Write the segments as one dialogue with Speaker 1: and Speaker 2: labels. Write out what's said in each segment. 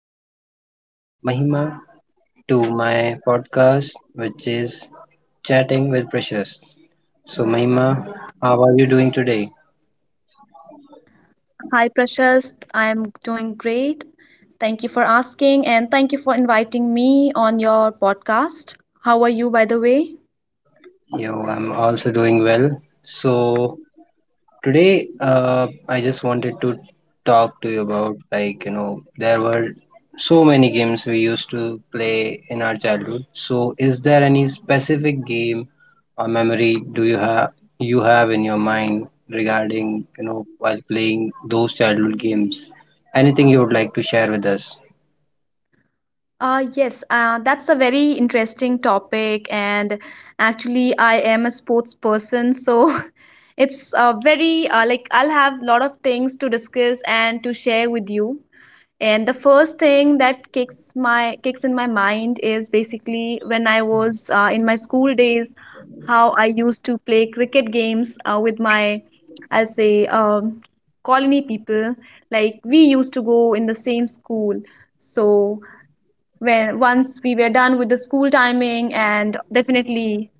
Speaker 1: I welcome Mahima to my podcast, which is Chatting with Precious. So, Mahima, how are you doing today?
Speaker 2: Hi, Prashast. I'm doing great. Thank you for asking and thank you for inviting me on your podcast. How are you, by the way?
Speaker 1: Yo, I'm also doing well. So, today, I just wanted to talk to you about there were so many games we used to play in our childhood. So, is there any specific game or memory do you have in your mind regarding while playing those childhood games? Anything you would like to share with us?
Speaker 2: Yes, that's a very interesting topic. And actually, I am a sports person. So it's very, like, I'll have a lot of things to discuss and to share with you. And the first thing that kicks in my mind is basically when I was in my school days, how I used to play cricket games with my, I'll say, colony people. Like we used to go in the same school, so when once we were done with the school timing and definitely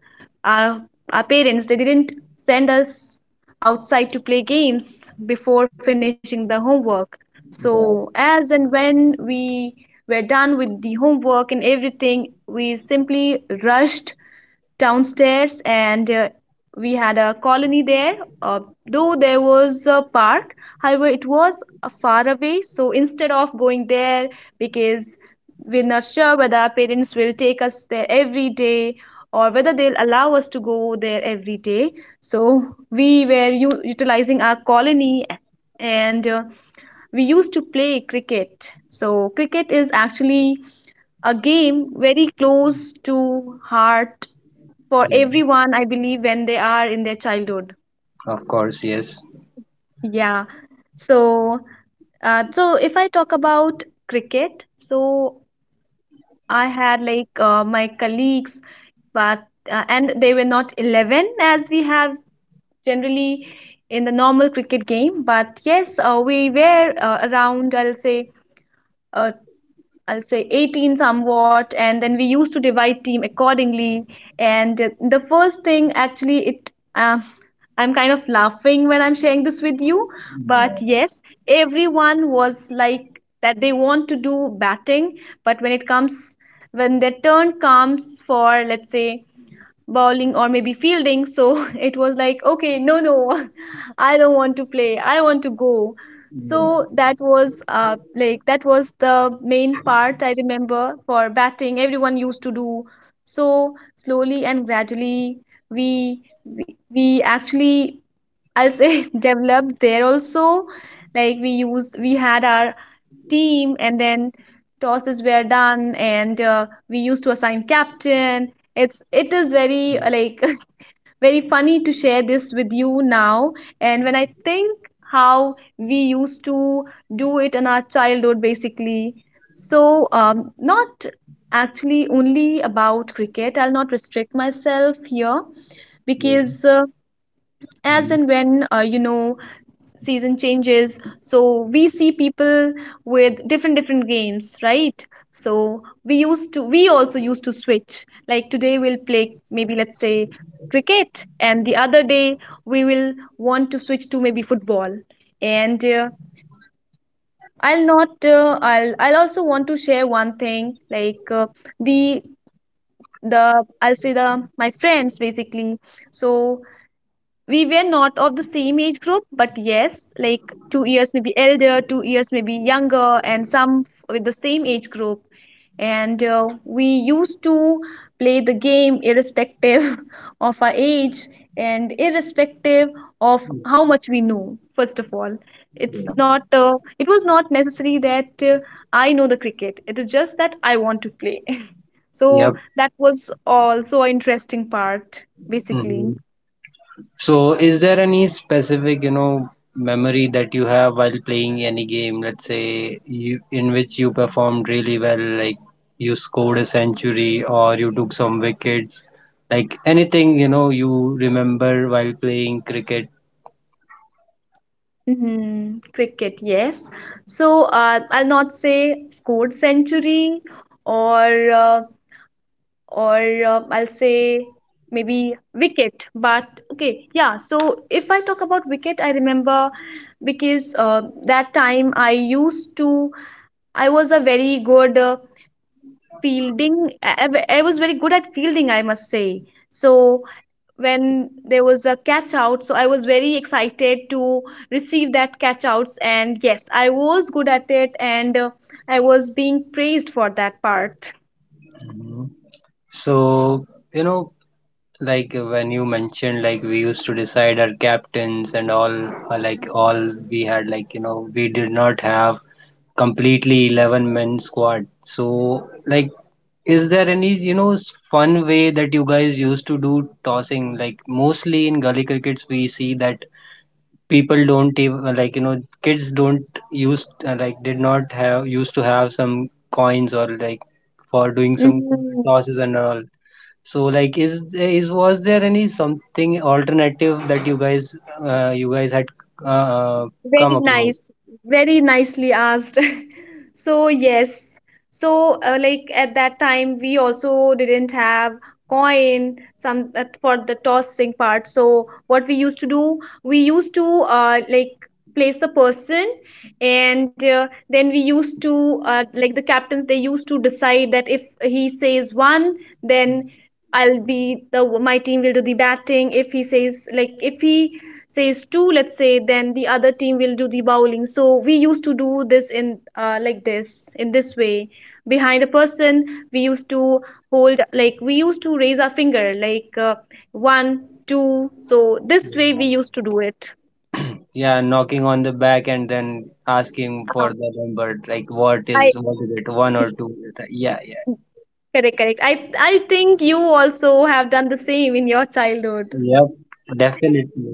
Speaker 2: our our parents, they didn't send us outside to play games before finishing the homework, so
Speaker 1: Yeah,
Speaker 2: as and when we were done with the homework and everything, we simply rushed downstairs and we had a colony there. uh, though there was a park, however it was far away, so instead of going there, because we're not sure whether our parents will take us there every day or whether they'll allow us to go there every day, so we were utilizing our colony, and we used to play cricket. So cricket is actually a game very close to heart for
Speaker 1: yeah,
Speaker 2: everyone, I believe, when they are in their childhood.
Speaker 1: of course, yes.
Speaker 2: Yeah. So, so if I talk about cricket, so I had like my colleagues, but and they were not 11 as we have generally in the normal cricket game, but yes, we were around, uh, I'll say, 18 somewhat, and then we used to divide team accordingly. And the first thing, actually, it I'm kind of laughing when I'm sharing this with you, but yes, everyone was like that they want to do batting, but when their turn comes, for let's say bowling or maybe fielding, so it was like, okay, no, no, I don't want to play, I want to go. So that was like that was the main part I remember. For batting, everyone used to do. So slowly and gradually we actually I'll say developed there also. We had our team and then tosses were done, and we used to assign captain. It is very like very funny to share this with you now, and when I think how we used to do it in our childhood basically. So not actually only about cricket, I'll not restrict myself here,
Speaker 1: Yeah.
Speaker 2: because as
Speaker 1: Mhm.
Speaker 2: and when you know, season changes, so we see people with different different games, right? We also used to switch, like today we'll play maybe let's say cricket, and the other day we will want to switch to maybe football. And I'll not I'll also want to share one thing, like the the I'll say the my friends basically. So we were not of the same age group, but yes, like 2 years maybe elder, 2 years maybe younger, and some with the same age group. And we used to play the game irrespective of our age, and irrespective of how much we knew, first of all. It's not, it was not necessary that I know the cricket, it is just that I want to play. So
Speaker 1: Yep.
Speaker 2: that was also an interesting part, basically.
Speaker 1: Mhm. So, is there any specific, you know, memory that you have while playing any game? Let's say you in which you performed really well, like you scored a century or you took some wickets, like anything, you know, you remember while playing cricket.
Speaker 2: Mhm. Cricket, yes. So I'll not say scored century, or uh, or I'll say maybe wicket. But okay, yeah. So if I talk about wicket, I remember, because that time I used to, I was a very good fielding. I was very good at fielding, I must say. So when there was a catch out, so I was very excited to receive that catch outs, and yes, I was good at it, and I was being praised for that part.
Speaker 1: Mhm. So, you know, like when you mentioned like we used to decide our captains and all, like all we had like we did not have completely 11 men squad. So like is there any fun way that you guys used to do tossing? Like mostly in gully crickets we see that people don't even like kids don't use, like did not have used to have some coins or like for doing some
Speaker 2: Mhm.
Speaker 1: tosses and all. So like is was there any something alternative that you guys, you guys had uh,
Speaker 2: Very
Speaker 1: come across?
Speaker 2: nice, very nicely asked. So, yes, so like at that time, we also didn't have coin some for the tossing part. So what we used to do, we used to like place a person, and then we used to like, the captains, they used to decide that if he says one, then I'll be the my team will do the batting. If he says two, let's say, then the other team will do the bowling. So we used to do this in this way. Behind a person, we used to hold, like we used to raise our finger like one, two So this
Speaker 1: Yeah.
Speaker 2: way we used to do it.
Speaker 1: Yeah, knocking on the back and then asking
Speaker 2: Ah,
Speaker 1: for the number, like
Speaker 2: I
Speaker 1: what is it, one or two? Yeah, yeah,
Speaker 2: correct, correct, I think you also have done the same in your childhood.
Speaker 1: yep, definitely.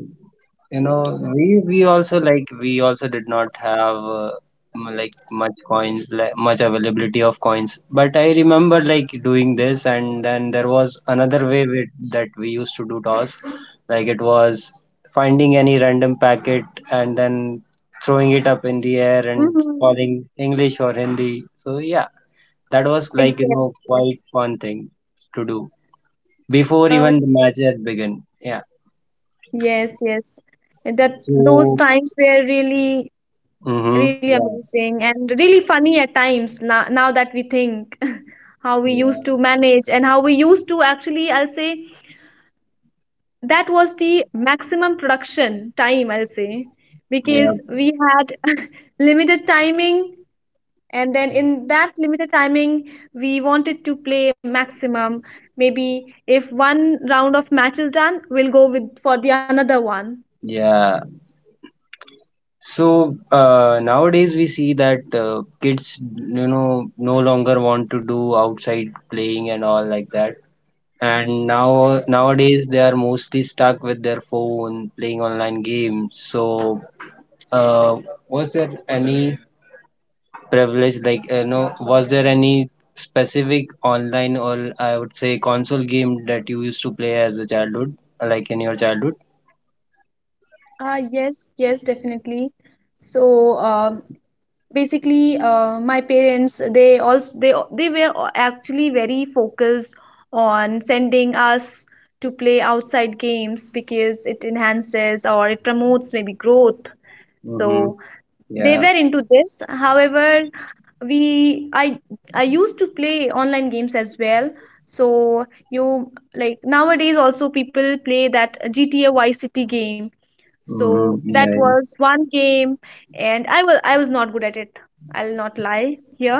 Speaker 1: You know, we also, like we also did not have, like much coins, like much availability of coins. But I remember like doing this, and then there was another way with, that we used to do toss. Like it was finding any random packet and then throwing it up in the air and
Speaker 2: Mhm.
Speaker 1: calling English or Hindi. So yeah, that was like
Speaker 2: yes
Speaker 1: quite
Speaker 2: yes
Speaker 1: fun thing to do before
Speaker 2: uh,
Speaker 1: even the match had begun. Yeah.
Speaker 2: yes, that those
Speaker 1: So.
Speaker 2: times were really
Speaker 1: Mm-hmm.
Speaker 2: really
Speaker 1: Yeah.
Speaker 2: amazing and really funny at times now, now that we think how we used to manage and how we used to actually, I'll say that was the maximum production time, I'll say,
Speaker 1: Yeah.
Speaker 2: because we had limited timing. And then in that limited timing, we wanted to play maximum. Maybe if one round of match is done, we'll go with for the another one.
Speaker 1: Yeah. So nowadays we see that kids, you know, no longer want to do outside playing and all like that. And now nowadays they are mostly stuck with their phone, playing online games. So, uh, was there any privilege, like you know, was there any specific online, or I would say console game, that you used to play as a childhood, like in your childhood?
Speaker 2: Ah, yes, yes, definitely. So, basically my parents, they also they were actually very focused on sending us to play outside games because it enhances or it promotes maybe growth.
Speaker 1: Mm-hmm.
Speaker 2: So they
Speaker 1: Yeah.
Speaker 2: were into this. However, we I used to play online games as well. So you, like nowadays also people play that GTA Vice City game.
Speaker 1: Mm-hmm.
Speaker 2: So that
Speaker 1: Yeah.
Speaker 2: was one game, and I was not good at it. I'll not lie here,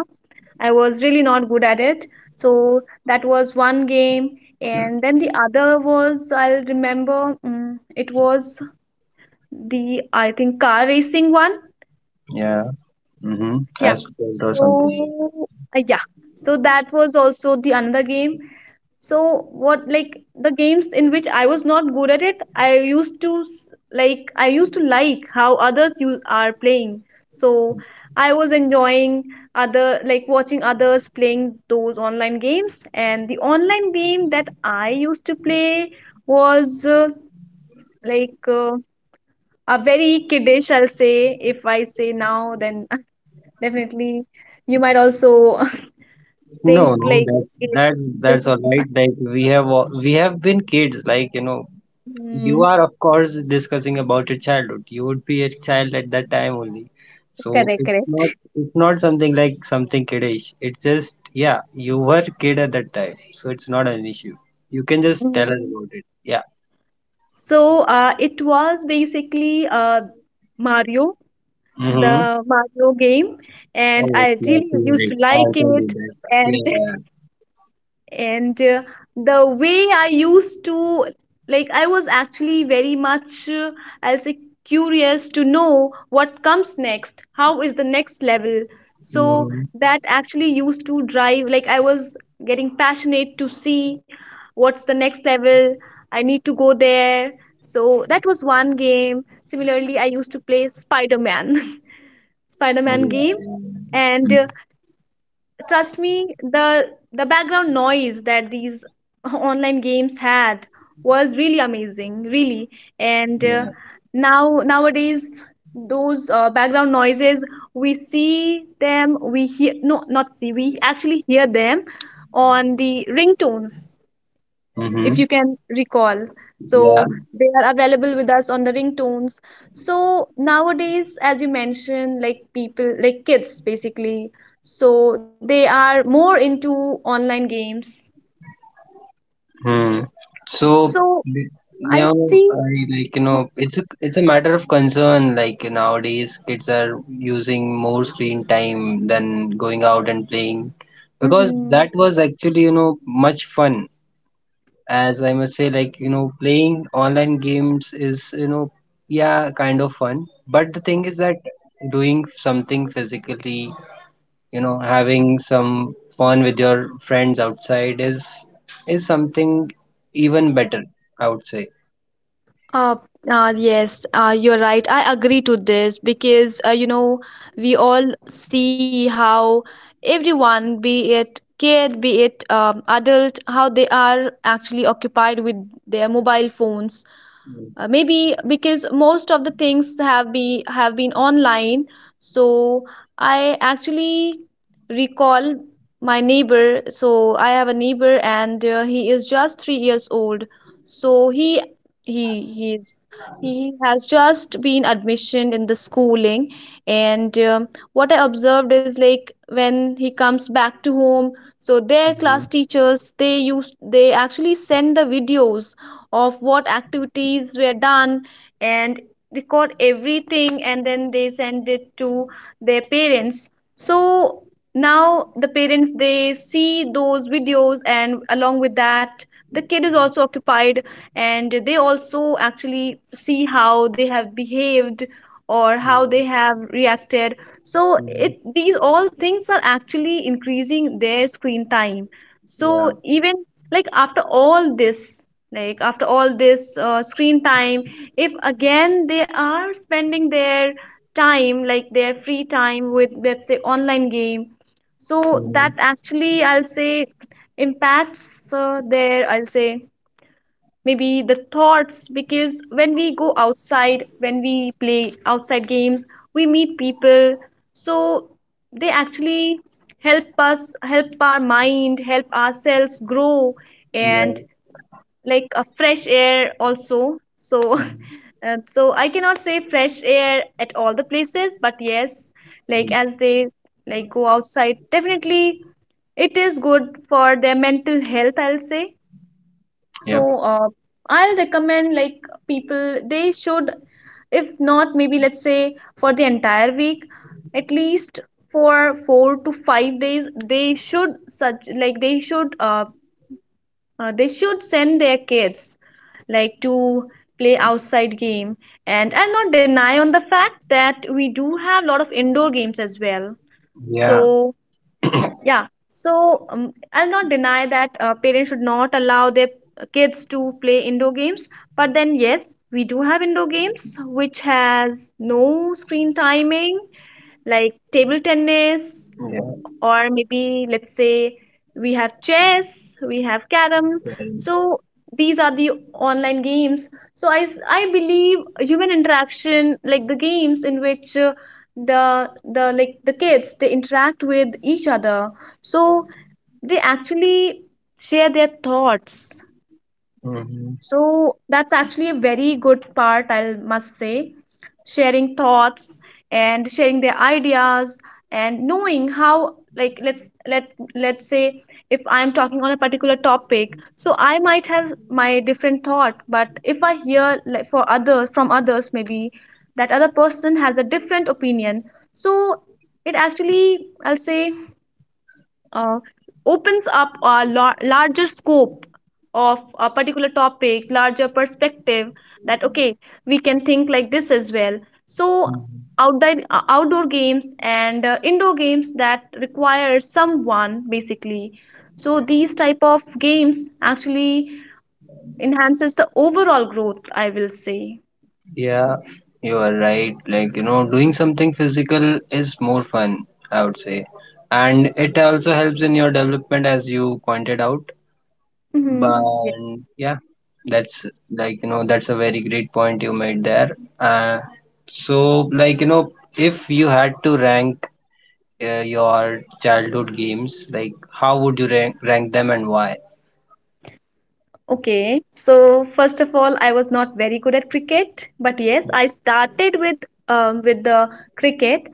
Speaker 2: I was really not good at it. So that was one game. And then the other was, I'll remember, mm, it was the, I think, car racing one.
Speaker 1: Yeah. Mm-hmm.
Speaker 2: Yeah.
Speaker 1: Asphalt or something.
Speaker 2: So yeah. So that was also the another game. So what, like the games in which I was not good at it, I used to like I used to like how others you are playing. So I was enjoying other, like watching others playing those online games. And the online game that I used to play was like uh, a very kiddish, I'll say, if I say now then. Definitely. You might also
Speaker 1: No,
Speaker 2: think
Speaker 1: no,
Speaker 2: like,
Speaker 1: that's
Speaker 2: okay,
Speaker 1: that's
Speaker 2: this
Speaker 1: that's all
Speaker 2: is,
Speaker 1: right. Like we have we have been kids. Like you know, you
Speaker 2: mm,
Speaker 1: are of course discussing about your childhood. You would be a child at that time only. So
Speaker 2: correct,
Speaker 1: it's not,
Speaker 2: correct.
Speaker 1: it's not something like something kiddish. It's just yeah, you were kid at that time, so it's not an issue. You can just tell us
Speaker 2: Mm.
Speaker 1: about it. Yeah.
Speaker 2: So it was basically Mario,
Speaker 1: Mm-hmm.
Speaker 2: the Mario game,
Speaker 1: Oh,
Speaker 2: and
Speaker 1: yes,
Speaker 2: I
Speaker 1: my
Speaker 2: really used to
Speaker 1: favorite. I'll
Speaker 2: like
Speaker 1: tell you
Speaker 2: it.
Speaker 1: that.
Speaker 2: And
Speaker 1: Yeah.
Speaker 2: and the way I used to, like I was actually very much I'll say curious to know what comes next, how is the next level. So
Speaker 1: Mm-hmm.
Speaker 2: that actually used to drive, like I was getting passionate to see what's the next level, I need to go there. So that was one game. Similarly, I used to play Spider-Man
Speaker 1: Yeah.
Speaker 2: game.
Speaker 1: Yeah.
Speaker 2: And
Speaker 1: Mm-hmm.
Speaker 2: trust me, the background noise that these online games had was really amazing, really. And
Speaker 1: Yeah.
Speaker 2: now nowadays those background noises, we hear, no, not see, we actually hear them on the ringtones, if
Speaker 1: Mm-hmm.
Speaker 2: you can recall.
Speaker 1: Yeah.
Speaker 2: So they are available with us on the ringtones. So nowadays, as you mentioned, like people, like kids basically, so they are more into online games.
Speaker 1: Hmm. So
Speaker 2: So
Speaker 1: you know,
Speaker 2: I see.
Speaker 1: I, like you know, it's a, it's a matter of concern. Like nowadays, kids are using more screen time than going out and playing, because that
Speaker 2: Mhm.
Speaker 1: was actually you know much fun. As I must say, like you know, playing online games is you know yeah kind of fun. But the thing is that doing something physically, you know, having some fun with your friends outside is something even better, I would say.
Speaker 2: Uh, yes, you're right. I agree to this because you know we all see how everyone, be it kid, be it adult, how they are actually occupied with their mobile phones, maybe because most of the things have be have been online. So I actually recall my neighbor. So I have a neighbor and he is just 3 years old. So he he he's he has just been admission in the schooling. And What I observed is, like, when he comes back to home, so their class teachers, they actually send the videos of what activities were done and record everything, and then they send it to their parents. So now the parents, they see those videos, and along with that, the kid is also occupied, and they also actually see how they have behaved or how they have reacted. So
Speaker 1: Mhm.
Speaker 2: it these all things are actually increasing their screen time.
Speaker 1: Yeah.
Speaker 2: So even like after all this, like after all this screen time, if again they are spending their time, like their free time, with, let's say, online game, so
Speaker 1: Mhm.
Speaker 2: that actually, I'll say, impacts their, I'll say, maybe the thoughts, because when we go outside, when we play outside games, we meet people. So they actually help us, help our mind, help ourselves grow.
Speaker 1: Yeah.
Speaker 2: And like a fresh air also, so so I cannot say fresh air at all the places, but yes, like as they, like, go outside, definitely it is good for their mental health, I'll say. So
Speaker 1: Yep.
Speaker 2: I'll recommend, like, people they should, if not, maybe, let's say, for the entire week, at least for 4 to 5 days, they should such like they should send their kids like to play outside game. And I'll not deny on the fact that we do have a lot of indoor games as well.
Speaker 1: Yeah.
Speaker 2: So yeah. So I'll not deny that parents should not allow their kids to play indoor games, but then yes, we do have indoor games which has no screen timing, like table tennis,
Speaker 1: Yeah.
Speaker 2: or, maybe, let's say, we have chess, we have carom.
Speaker 1: Well,
Speaker 2: So these are the online games. So I believe human interaction, like the games in which the like the kids they interact with each other. So they actually share their thoughts,
Speaker 1: hmm,
Speaker 2: so that's actually a very good part, I must say. Sharing thoughts and sharing their ideas, and knowing how, like, let's say if I'm talking on a particular topic, so I might have my different thought, but if I hear like for others from others, maybe that other person has a different opinion, so it actually, I'll say, uh, opens up a larger scope of a particular topic, larger perspective, that, okay, we can think like this as well. So, outdoor, outdoor games and indoor games that require someone basically. So, these type of games actually enhances the overall growth, I will say.
Speaker 1: yeah, you are right. Like you know, doing something physical is more fun, I would say, and it also helps in your development as you pointed out.
Speaker 2: Hmm.
Speaker 1: But yeah, that's like, you know, that's a very great point you made there. So, like, you know, if you had to rank, your childhood games, like, how would you rank, rank them and why?
Speaker 2: Okay, so first of all, I was not very good at cricket, but yes, I started with the cricket,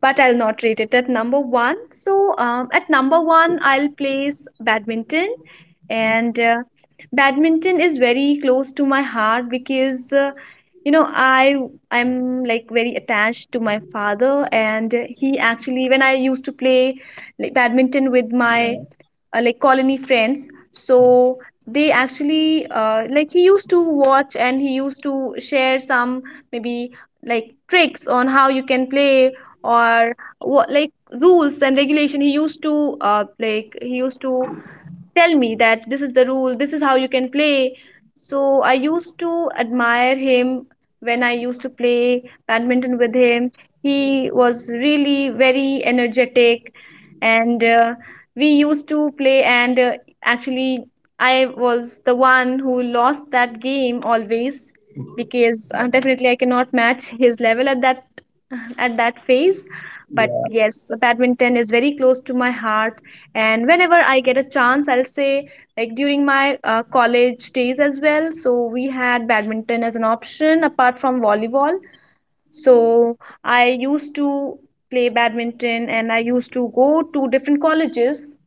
Speaker 2: but I'll not rate it at number one. So at number one, I'll place badminton, and badminton is very close to my heart because you know, I'm like very attached to my father, and he actually, when I used to play, like, badminton with my
Speaker 1: Yeah.
Speaker 2: like colony friends, so they actually like he used to watch and he used to share some, maybe, like, tricks on how you can play or what, like, rules and regulation, he used to like he used to tell me that this is the rule, this is how you can play. So I used to admire him. When I used to play badminton with him, he was really very energetic, and we used to play, and actually, I was the one who lost that game always because definitely I cannot match his level at that at that phase. But
Speaker 1: Yeah.
Speaker 2: yes, badminton is very close to my heart. And whenever I get a chance, I'll say, like, during my college days as well. So we had badminton as an option apart from volleyball. So I used to play badminton and I used to go to different colleges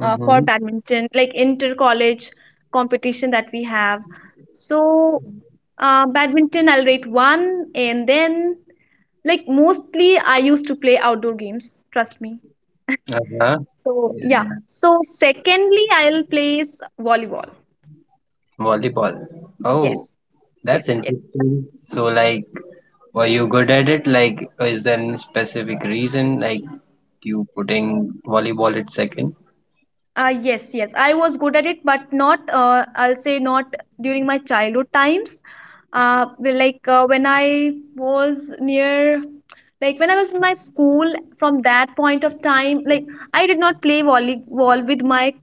Speaker 2: for badminton, like inter college competition that we have. So, badminton, I'll rate one, and then, like, mostly I used to play outdoor games, trust me.
Speaker 1: Uh-huh.
Speaker 2: So,
Speaker 1: Yeah,
Speaker 2: yeah.
Speaker 1: yeah.
Speaker 2: So, secondly, I'll place volleyball.
Speaker 1: Volleyball. Oh,
Speaker 2: Yes,
Speaker 1: that's
Speaker 2: yes, yes.
Speaker 1: interesting. So, like, were you good at it? Like, is there any specific reason, like, you putting volleyball at 2nd?
Speaker 2: Yes, yes. I was good at it, but not, I'll say not during my childhood times. Well, like when I was near, like, when I was in my school, from that point of time, like, I did not play volleyball with my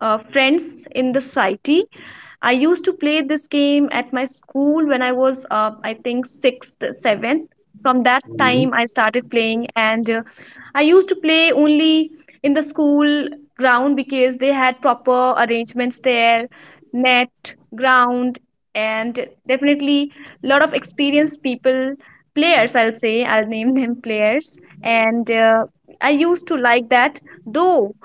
Speaker 2: friends in the society. I used to play this game at my school when I was, I think, sixth, seventh. From that
Speaker 1: Mm-hmm.
Speaker 2: time, I started playing, and I used to play only in the school ground, because they had proper arrangements there, net, ground, and definitely a lot of experienced people, players, I'll say, I'll name them players. And I used to like that, though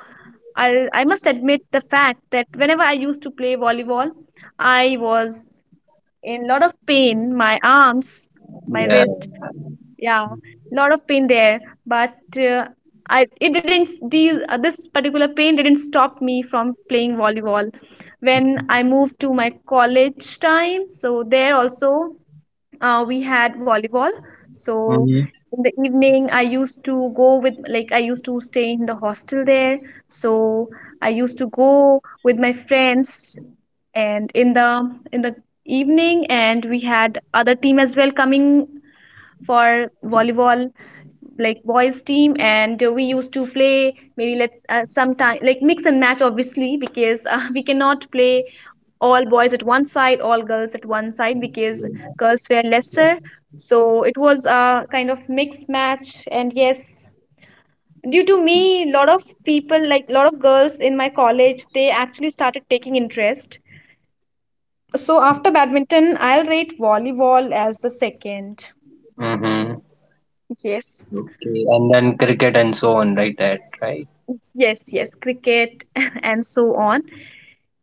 Speaker 2: I must admit the fact that whenever I used to play volleyball, I was in lot of pain. My arms, my
Speaker 1: Yeah.
Speaker 2: wrist, yeah, lot of pain there. But I it didn't, these this particular pain didn't stop me from playing volleyball. When I moved to my college time, so there also we had volleyball. So in the evening, I used to go with, like, I used to stay in the hostel there. So I used to go with my friends, and in the evening, and we had other team as well coming for volleyball, like boys team, and we used to play, maybe, let sometime, like, mix and match, obviously, because we cannot play all boys at one side, all girls at one side, because girls were lesser. So it was a kind of mixed match, and yes, due to me, lot of people, like lot of girls in my college, they actually started taking interest. So after badminton, I'll rate volleyball as the second.
Speaker 1: Mm-hmm.
Speaker 2: Yes.
Speaker 1: Okay, and then cricket and so on, right? That right?
Speaker 2: Yes, yes, cricket and so on.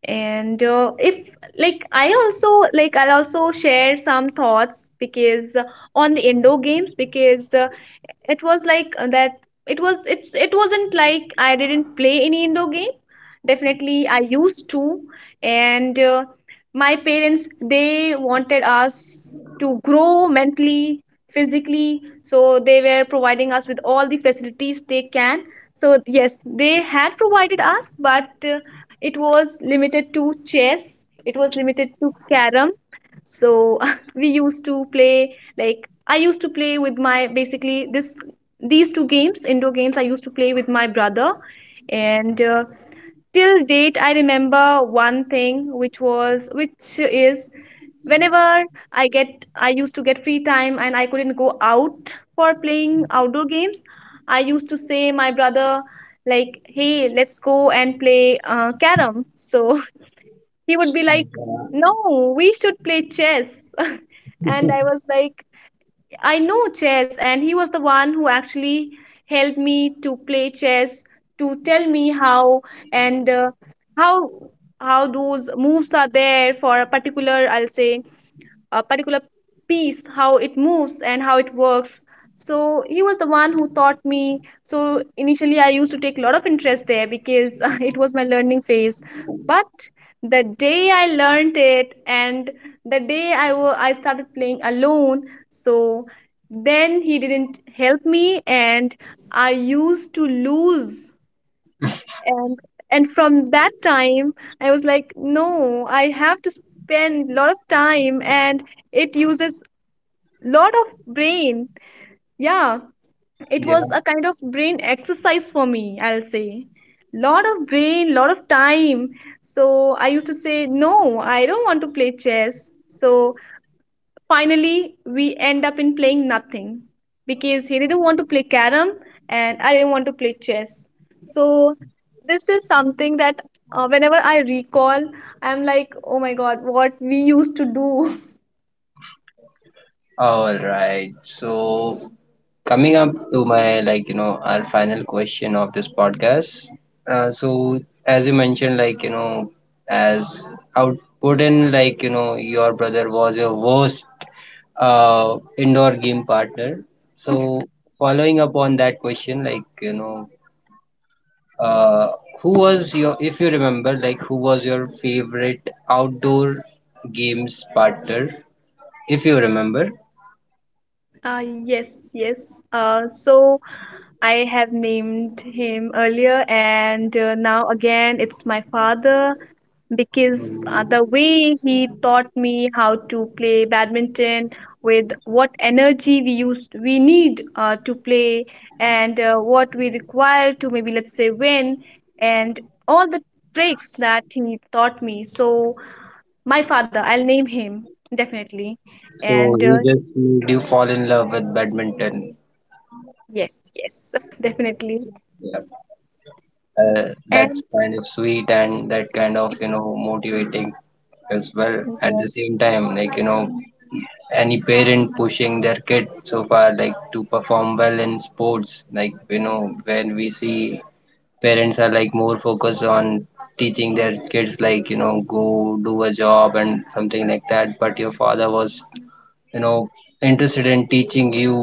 Speaker 2: And if like, I'll also share some thoughts because on the indoor games, because it was like uh, that it wasn't like I didn't play any indoor game. Definitely I used to, and my parents, they wanted us to grow mentally, physically, so they were providing us with all the facilities they can. So yes, they had provided us, but it was limited to chess, it was limited to carom. So we used to play, like, I used to play with my, basically, this these two games, indoor games, I used to play with my brother. And till date, I remember one thing which was which is, whenever I used to get free time and I couldn't go out for playing outdoor games, I used to say my brother, like, hey, let's go and play carom. So he would be like, no, we should play chess. And I was like, I know chess, and he was the one who actually helped me to play chess, to tell me how, and how how those moves are there for a particular, I'll say, a particular piece, how it moves and how it works. So he was the one who taught me. So initially, I used to take a lot of interest there because it was my learning phase. But the day I learned it, and the day I started playing alone, so then he didn't help me, and I used to lose, and and from that time, I was like, no, I have to spend a lot of time, and it uses lot of brain. Yeah, it
Speaker 1: Yeah.
Speaker 2: was a kind of brain exercise for me, I'll say. Lot of brain, lot of time. So I used to say, no, I don't want to play chess. So finally we end up in playing nothing, because he didn't want to play carom, and I didn't want to play chess. So this is something that, whenever I recall, I'm like, oh my god, what we used to do.
Speaker 1: All right. So coming up to my, like you know, our final question of this podcast. So as you mentioned, like you know, as output in like you know your brother was your worst indoor game partner. So following up on that question, like you know, Uh, who was your, if you remember, like who was your favorite outdoor games partner, if you remember?
Speaker 2: Yes, yes. So I have named him earlier, and now again it's my father, because the way he taught me how to play badminton, with what energy we need to play, and what we require to, maybe, let's say, win, and all the tricks that he taught me. So my father, I'll name him, definitely,
Speaker 1: So
Speaker 2: and
Speaker 1: he just made you fall in love with badminton.
Speaker 2: yes, yes, definitely.
Speaker 1: Yeah.
Speaker 2: And
Speaker 1: That's kind of sweet and that kind of, you know, motivating as well. At the
Speaker 2: yes,
Speaker 1: same time, like, you know, any parent pushing their kid so far, like to perform well in sports, like, you know, when we see parents are like more focused on teaching their kids like you know go do a job and something like that, but your father was you know interested in teaching you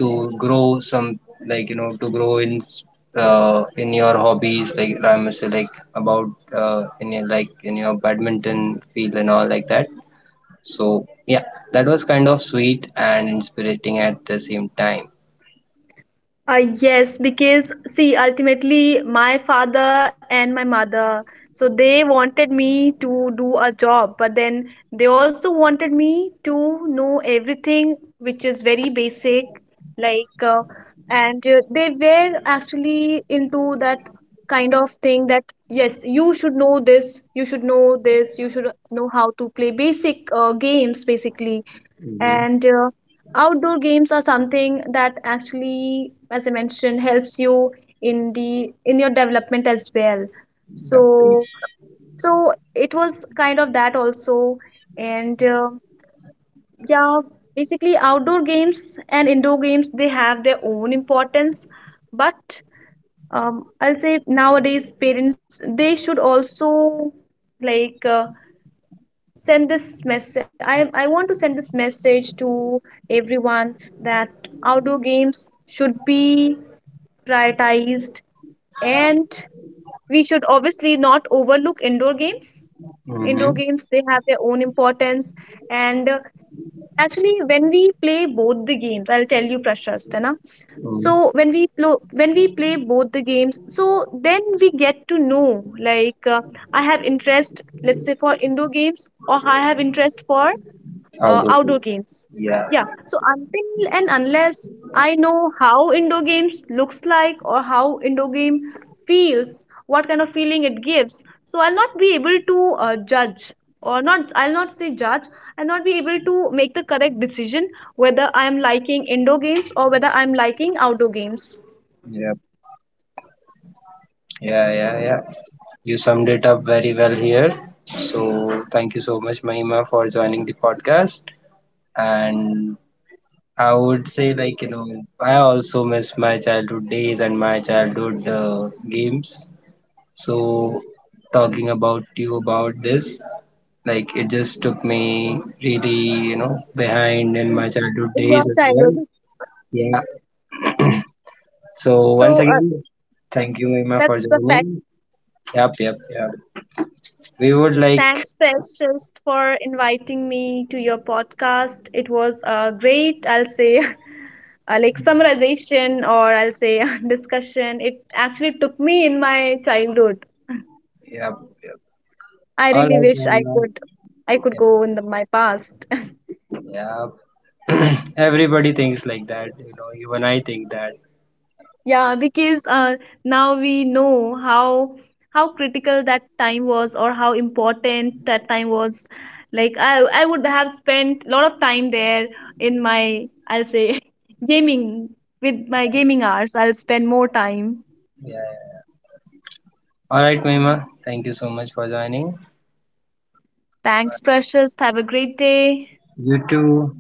Speaker 1: to grow some, like you know, to grow in, in your hobbies. Like I must say like about, in your, like in your badminton field and all like that. So yeah, that was kind of sweet and inspiriting at the same time.
Speaker 2: Yes, because see, ultimately, my father and my mother, so they wanted me to do a job, but then they also wanted me to know everything, which is very basic, like, and they were actually into that kind of thing that, yes, you should know this, you should know this, you should know how to play basic games, basically.
Speaker 1: Mm-hmm.
Speaker 2: And outdoor games are something that actually, as I mentioned, helps you in your development as well.
Speaker 1: Yep.
Speaker 2: So so it was kind of that also. And yeah, basically outdoor games and indoor games, they have their own importance, but I'll say nowadays parents they should also like send this message. I want to send this message to everyone that outdoor games should be prioritized, and we should obviously not overlook indoor games.
Speaker 1: Mm-hmm.
Speaker 2: Indoor games, they have their own importance. And actually, when we play both the games, I'll tell you, Prashast, है ना? So
Speaker 1: Mm-hmm.
Speaker 2: when we when we play both the games, so then we get to know, like, I have interest, let's say, for indoor games, or I have interest for
Speaker 1: Outdoor.
Speaker 2: outdoor
Speaker 1: Field.
Speaker 2: games.
Speaker 1: Yeah.
Speaker 2: Yeah. So until and unless I know how indoor games looks like, or how indoor game feels, what kind of feeling it gives, so I'll not be able to judge, or not. I'll not say judge. I'll not be able to make the correct decision whether I'm liking indoor games or whether I'm liking outdoor games.
Speaker 1: Yep. Yeah, yeah, yeah. You summed it up very well here. So thank you so much, Mahima, for joining the podcast. And I would say, like, you know, I also miss my childhood days and my childhood games. So talking about you about this, like, it just took me really, you know, behind in
Speaker 2: In
Speaker 1: my childhood
Speaker 2: in your
Speaker 1: days as well.
Speaker 2: childhood,
Speaker 1: Yeah. So once
Speaker 2: so
Speaker 1: again, thank you, Mahima, for
Speaker 2: that's a fact.
Speaker 1: joining. Yep, yep, yep. We would like.
Speaker 2: Thanks, Precious, for inviting me to your podcast. It was a great, I'll say, like summarization, or I'll say discussion. It actually took me in my childhood.
Speaker 1: Yep. Yep.
Speaker 2: I
Speaker 1: All
Speaker 2: really
Speaker 1: right,
Speaker 2: wish
Speaker 1: Yamuna.
Speaker 2: I could go in the, my past.
Speaker 1: Yeah. Yep. Everybody thinks like that, you know, even I think that.
Speaker 2: Yeah, because now we know how critical that time was, or how important that time was. Like I would have spent a lot of time there in my, I'll say, gaming, with my gaming hours, I'll spend more time.
Speaker 1: Yeah, yeah. All right, Mima. Thank you so much for joining.
Speaker 2: Thanks, Precious. Have a great day.
Speaker 1: You too.